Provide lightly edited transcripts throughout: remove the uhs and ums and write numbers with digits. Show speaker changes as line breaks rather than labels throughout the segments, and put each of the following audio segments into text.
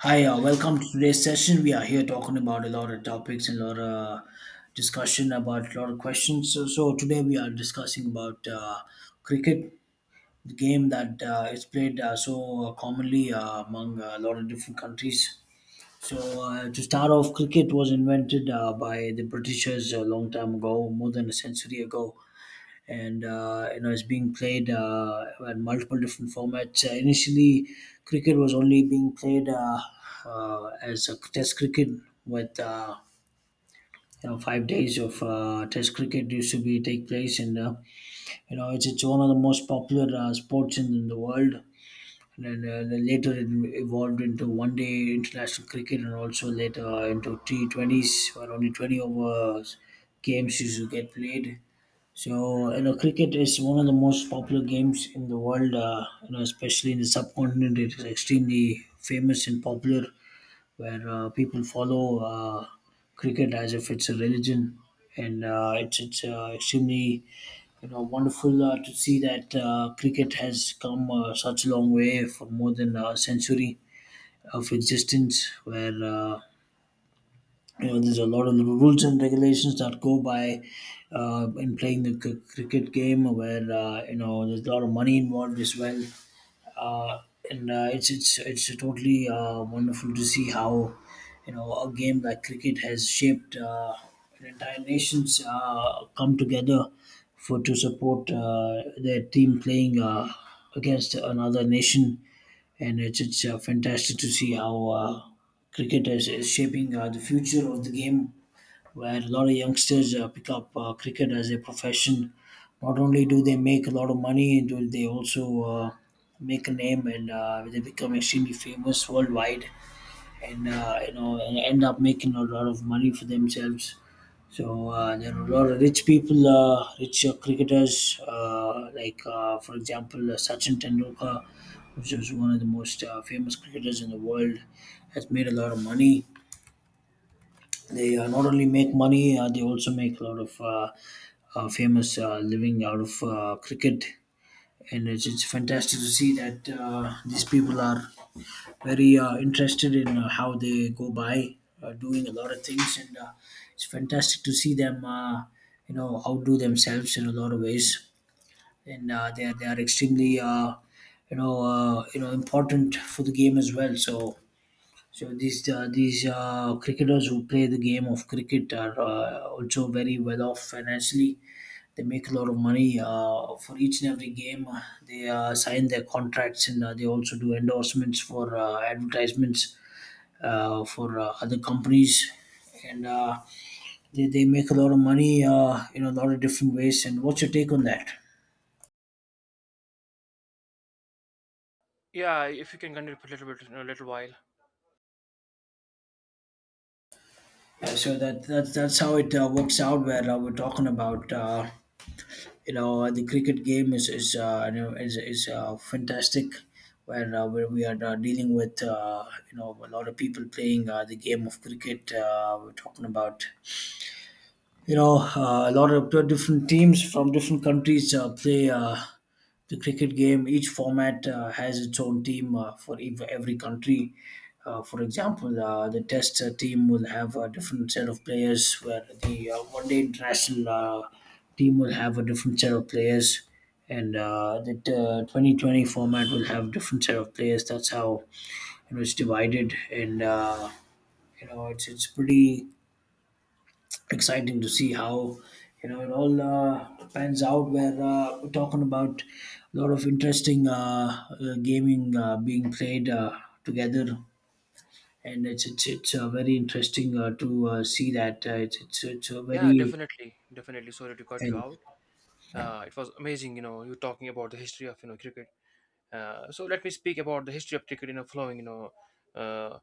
Hi, welcome to today's session. We are here talking about a lot of topics and a lot of discussion about a lot of questions. So today we are discussing about cricket, the game that is played so commonly among a lot of different countries. So to start off, cricket was invented by the Britishers a long time ago, more than a century ago, and you know it's being played in multiple different formats. Initially, cricket was only being played as a test cricket with. You know, 5 days of test cricket used to be take place, and you know it's one of the most popular sports in the world. And then later it evolved into one day international cricket, and also later into T20s, where only 20 over games used to get played. So, you know, cricket is one of the most popular games in the world, you know, especially in the subcontinent. It is extremely famous and popular, where people follow cricket as if it's a religion. And it's extremely, you know, wonderful to see that cricket has come such a long way for more than a century of existence, where you know there's a lot of rules and regulations that go by in playing the cricket game, where you know there's a lot of money involved as well, uh, and it's totally wonderful to see how you know a game like cricket has shaped an entire nations come together for to support their team playing against another nation. And it's fantastic to see how cricket is shaping the future of the game, where a lot of youngsters pick up cricket as a profession. Not only do they make a lot of money, do they also make a name, and they become extremely famous worldwide, and you know and end up making a lot of money for themselves. So there are a lot of rich people, rich cricketers, like for example Sachin Tendulkar, which is one of the most famous cricketers in the world, has made a lot of money. They not only make money, they also make a lot of famous living out of cricket, and it's fantastic to see that these people are very interested in how they go by doing a lot of things, and it's fantastic to see them you know outdo themselves in a lot of ways, and they are extremely, you know, important for the game as well. So these cricketers who play the game of cricket are also very well off financially. They make a lot of money for each and every game. They sign their contracts, and they also do endorsements for advertisements for other companies, and they make a lot of money in a lot of different ways. And what's your take on that?
Yeah, if you can continue for a little bit, a little while.
So that's how it works out. Where we're talking about. You know, the cricket game is, you know, is fantastic, where, we are dealing with, you know, a lot of people playing the game of cricket. We're talking about, you know, a lot of different teams from different countries play the cricket game. Each format has its own team for every country. For example, the Test team will have a different set of players, where the One Day International team will have a different set of players, and the 2020 format will have different set of players. That's how you know it's divided, and you know it's pretty exciting to see how you know it all pans out. Where we're talking about a lot of interesting gaming being played together, and it's very interesting to see that it's a
Yeah,
very,
definitely, definitely. Sorry to cut you
and
out. It was amazing, you talking about the history of cricket. So let me speak about the history of cricket in a flowing, Uh,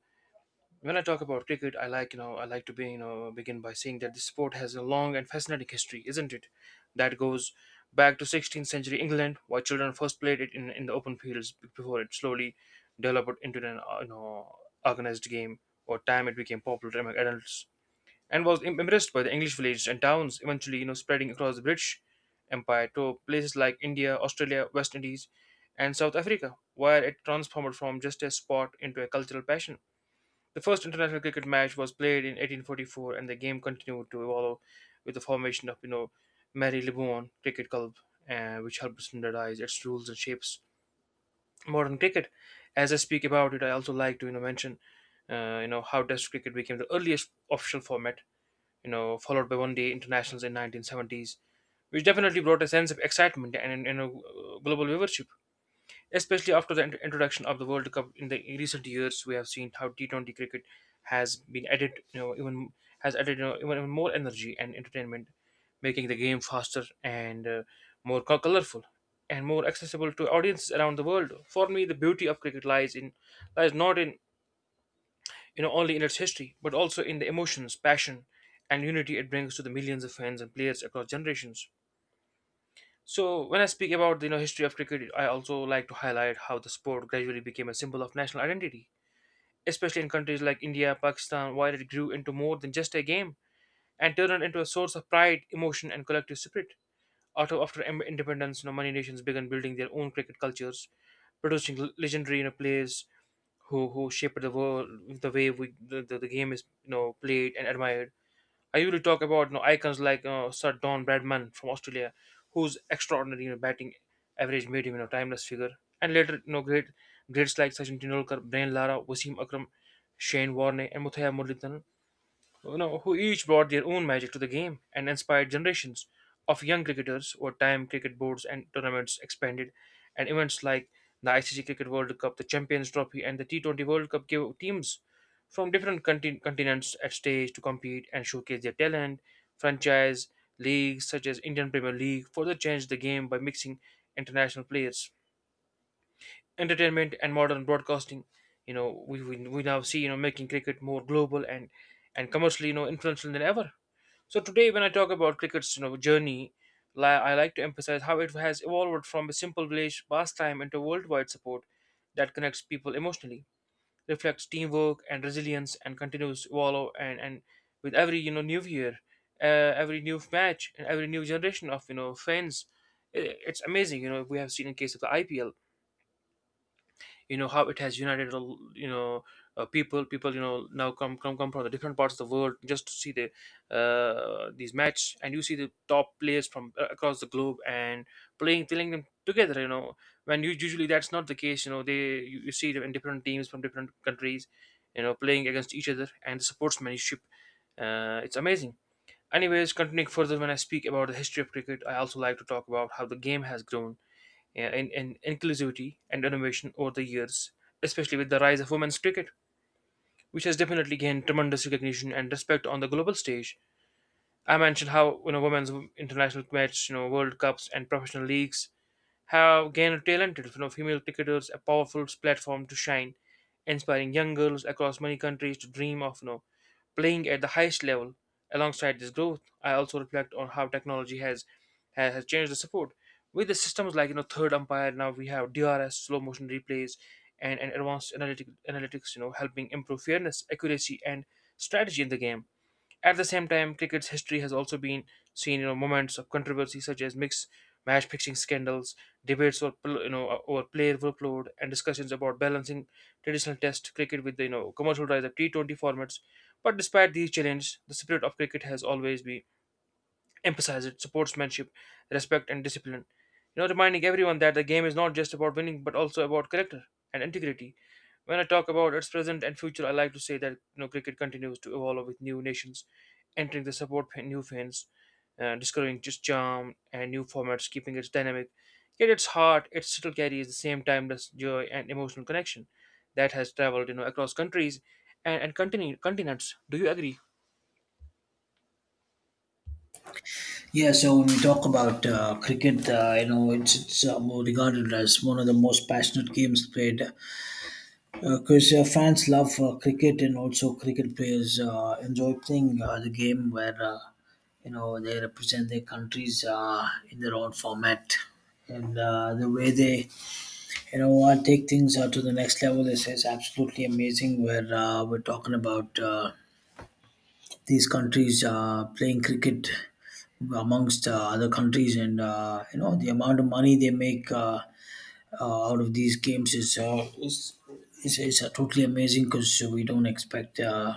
when I talk about cricket, I like to begin by saying that the sport has a long and fascinating history, isn't it? That goes back to 16th century England, where children first played it in the open fields before it slowly developed into an organized game. Over time, it became popular among adults and was impressed by the English villages and towns, eventually spreading across the British Empire to places like India, Australia, West Indies, and South Africa, where it transformed from just a sport into a cultural passion. The first international cricket match was played in 1844, and the game continued to evolve with the formation of Marylebone Cricket Club, which helped standardize its rules and shapes modern cricket. As I speak about it, I also like to mention how Test cricket became the earliest official format, followed by one day internationals in 1970s, which definitely brought a sense of excitement and, global viewership. Especially after the introduction of the World Cup in the recent years, we have seen how T20 cricket has been added, you know, even has added, you know, even more energy and entertainment, making the game faster and more colorful and more accessible to audiences around the world. For me, the beauty of cricket lies not in, only in its history, but also in the emotions, passion, and unity it brings to the millions of fans and players across generations. So when I speak about the, history of cricket, I also like to highlight how the sport gradually became a symbol of national identity, especially in countries like India, Pakistan, while it grew into more than just a game and turned into a source of pride, emotion, and collective spirit. After independence, many nations began building their own cricket cultures, producing legendary, players who shaped the world the way the game is played and admired. I usually talk about, icons like Sir Don Bradman from Australia, whose extraordinary, batting average made him, timeless figure, and later, greats like Sachin Tendulkar, Brian Lara, Wasim Akram, Shane Warne, and Muthaiya Muralitharan, who each brought their own magic to the game and inspired generations of young cricketers over time. Cricket boards and tournaments expanded, and events like the ICC Cricket World Cup, the Champions Trophy, and the T20 World Cup gave teams from different continents a stage to compete and showcase their talent. Franchise leagues such as Indian Premier League further changed the game by mixing international players. Entertainment and modern broadcasting, we now see, making cricket more global and commercially, influential than ever. So today, when I talk about cricket's journey, I like to emphasize how it has evolved from a simple village pastime into worldwide support that connects people emotionally, reflects teamwork and resilience, and continues to evolve and with every, new year, uh, every new match, and every new generation of, fans. It's amazing, We have seen in case of the IPL, how it has united a l- you know people, now come from the different parts of the world just to see the, these match, and you see the top players from, across the globe and playing them together, when you usually that's not the case, they, you see them in different teams from different countries, playing against each other, and the sportsmanship, it's amazing. Anyways, continuing further, when I speak about the history of cricket, I also like to talk about how the game has grown in inclusivity and innovation over the years, especially with the rise of women's cricket, which has definitely gained tremendous recognition and respect on the global stage. I mentioned how, women's international matches, World Cups, and professional leagues have given talented female cricketers a powerful platform to shine, inspiring young girls across many countries to dream of, playing at the highest level. Alongside this growth, I also reflect on how technology has changed the support. With the systems like, third umpire, now we have DRS, slow motion replays, and advanced analytics, helping improve fairness, accuracy, and strategy in the game. At the same time, cricket's history has also been seen, moments of controversy such as mixed match fixing scandals, debates over, over player workload, and discussions about balancing traditional Test cricket with the, commercial rise of T20 formats. But despite these challenges, the spirit of cricket has always been emphasize it, sportsmanship, respect, and discipline. Reminding everyone that the game is not just about winning, but also about character and integrity. When I talk about its present and future, I like to say that, cricket continues to evolve with new nations entering the support, new fans, discovering just charm and new formats, keeping its dynamic. Yet its heart, it still carries the same timeless joy and emotional connection that has traveled, across countries and continents. Do you agree?
yeah, so when we talk about cricket, you know, it's more regarded as one of the most passionate games played. Because fans love cricket, and also cricket players enjoy playing the game, where you know they represent their countries in their own format, and the way they, you know, take things to the next level is absolutely amazing. Where we're talking about these countries playing cricket amongst other countries, and you know the amount of money they make out of these games is totally amazing, because we don't expect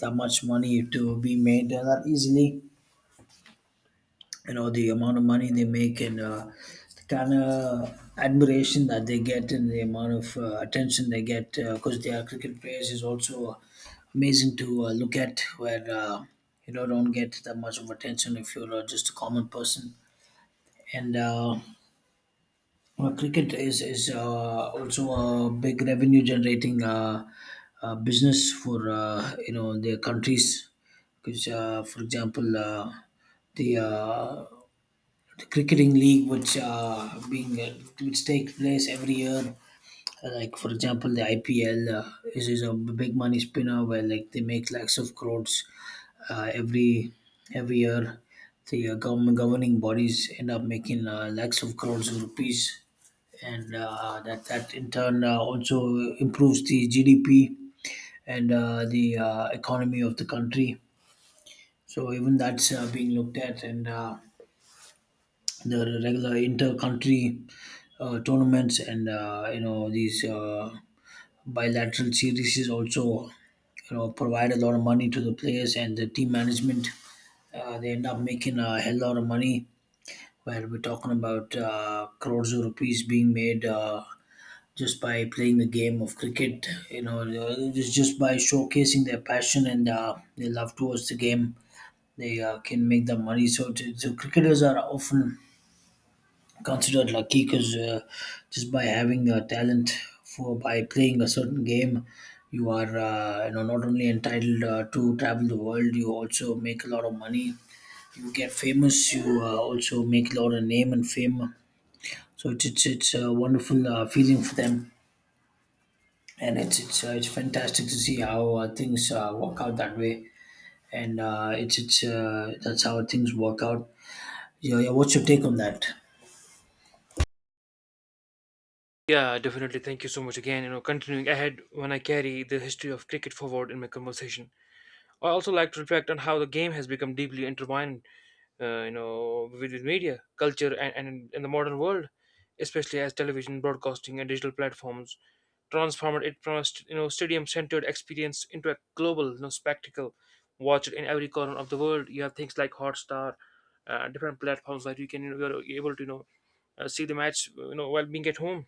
that much money to be made that easily. You know the amount of money they make, and the kind of admiration that they get, and the amount of attention they get because they are cricket players is also amazing to look at. Where you know don't get that much of attention if you're just a common person. And. Uh, Well, cricket is also a big revenue generating business for, you know, their countries. Because, for example, the uh, the cricketing league, which takes place every year, like for example, the IPL is a big money spinner, where like they make lakhs of crores uh, every every year. The government governing bodies end up making lakhs of crores of rupees, and that in turn also improves the GDP, and the economy of the country. So even that's being looked at, and the regular inter-country tournaments, and you know these bilateral series is also, you know, provide a lot of money to the players and the team management. They end up making a hell lot of money. Where we're talking about crores of rupees being made. Just by playing the game of cricket, you know, just by showcasing their passion and their love towards the game, they can make the money. So, so cricketers are often considered lucky because, just by having a talent for by playing a certain game, you are, you know, not only entitled to travel the world, you also make a lot of money, you get famous, you also make a lot of name and fame. So it's a wonderful feeling for them, and it's fantastic to see how things work out that way, and it's that's how things work out. Yeah, yeah, what's your take on that?
Yeah, definitely. Thank you so much again. You know, continuing ahead when I carry the history of cricket forward in my conversation, I also like to reflect on how the game has become deeply intertwined, with media, culture, and in the modern world, especially as television, broadcasting, and digital platforms transformed it from a stadium-centered experience into a global, spectacle. Watch it in every corner of the world. You have things like Hotstar, different platforms that you can, you're able to, see the match, while being at home.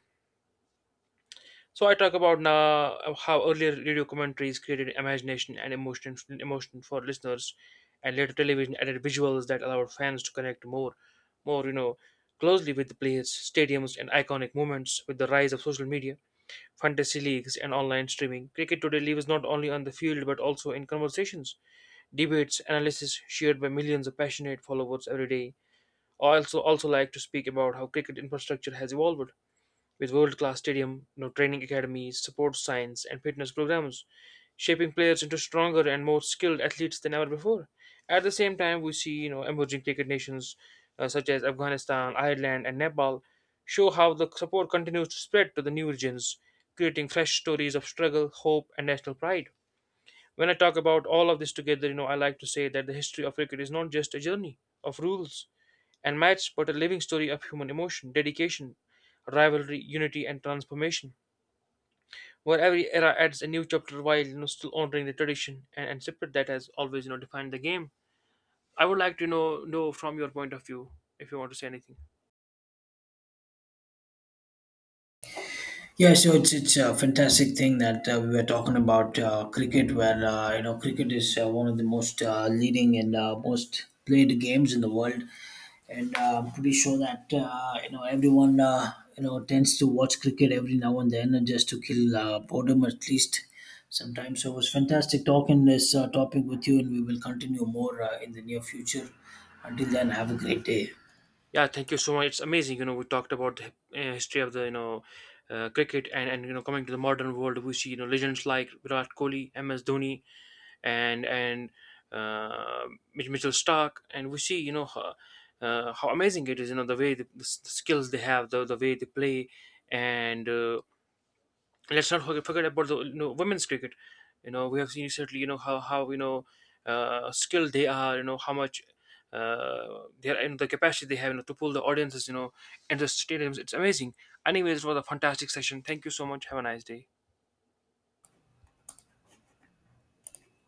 So I talk about now, how earlier radio commentaries created imagination and emotion for listeners, and later television added visuals that allowed fans to connect more, closely with the players, stadiums, and iconic moments. With the rise of social media, fantasy leagues, and online streaming, cricket today lives not only on the field but also in conversations, debates, analysis shared by millions of passionate followers every day. I also like to speak about how cricket infrastructure has evolved with world-class stadium, training academies, support science, and fitness programs, shaping players into stronger and more skilled athletes than ever before. At the same time, we see, emerging cricket nations, such as Afghanistan, Ireland, and Nepal, show how the support continues to spread to the new regions, creating fresh stories of struggle, hope, and national pride. When I talk about all of this together, I like to say that the history of cricket is not just a journey of rules and myths, but a living story of human emotion, dedication, rivalry, unity, and transformation, where every era adds a new chapter while, still honoring the tradition and spirit that has always, defined the game. I would like to know from your point of view if you want to say anything.
Yeah, so it's a fantastic thing that we were talking about cricket, where you know cricket is one of the most leading and most played games in the world, and pretty sure that you know everyone you know tends to watch cricket every now and then, and just to kill boredom at least sometimes. So it was fantastic talking this topic with you, and we will continue more in the near future. Until then, have a great day.
Yeah, thank you so much. It's amazing. You know, we talked about the, history of the, cricket, and you know coming to the modern world, we see, legends like Virat Kohli, MS Dhoni, and uh, Mitchell Stark, and we see, how amazing it is. You know the way the skills they have, the way they play, and, let's not forget about the, women's cricket. You know we have seen certainly, how skilled they are. You know how much. Their and the capacity they have, to pull the audiences, into stadiums. It's amazing. Anyways, it was a fantastic session. Thank you so much. Have a nice day.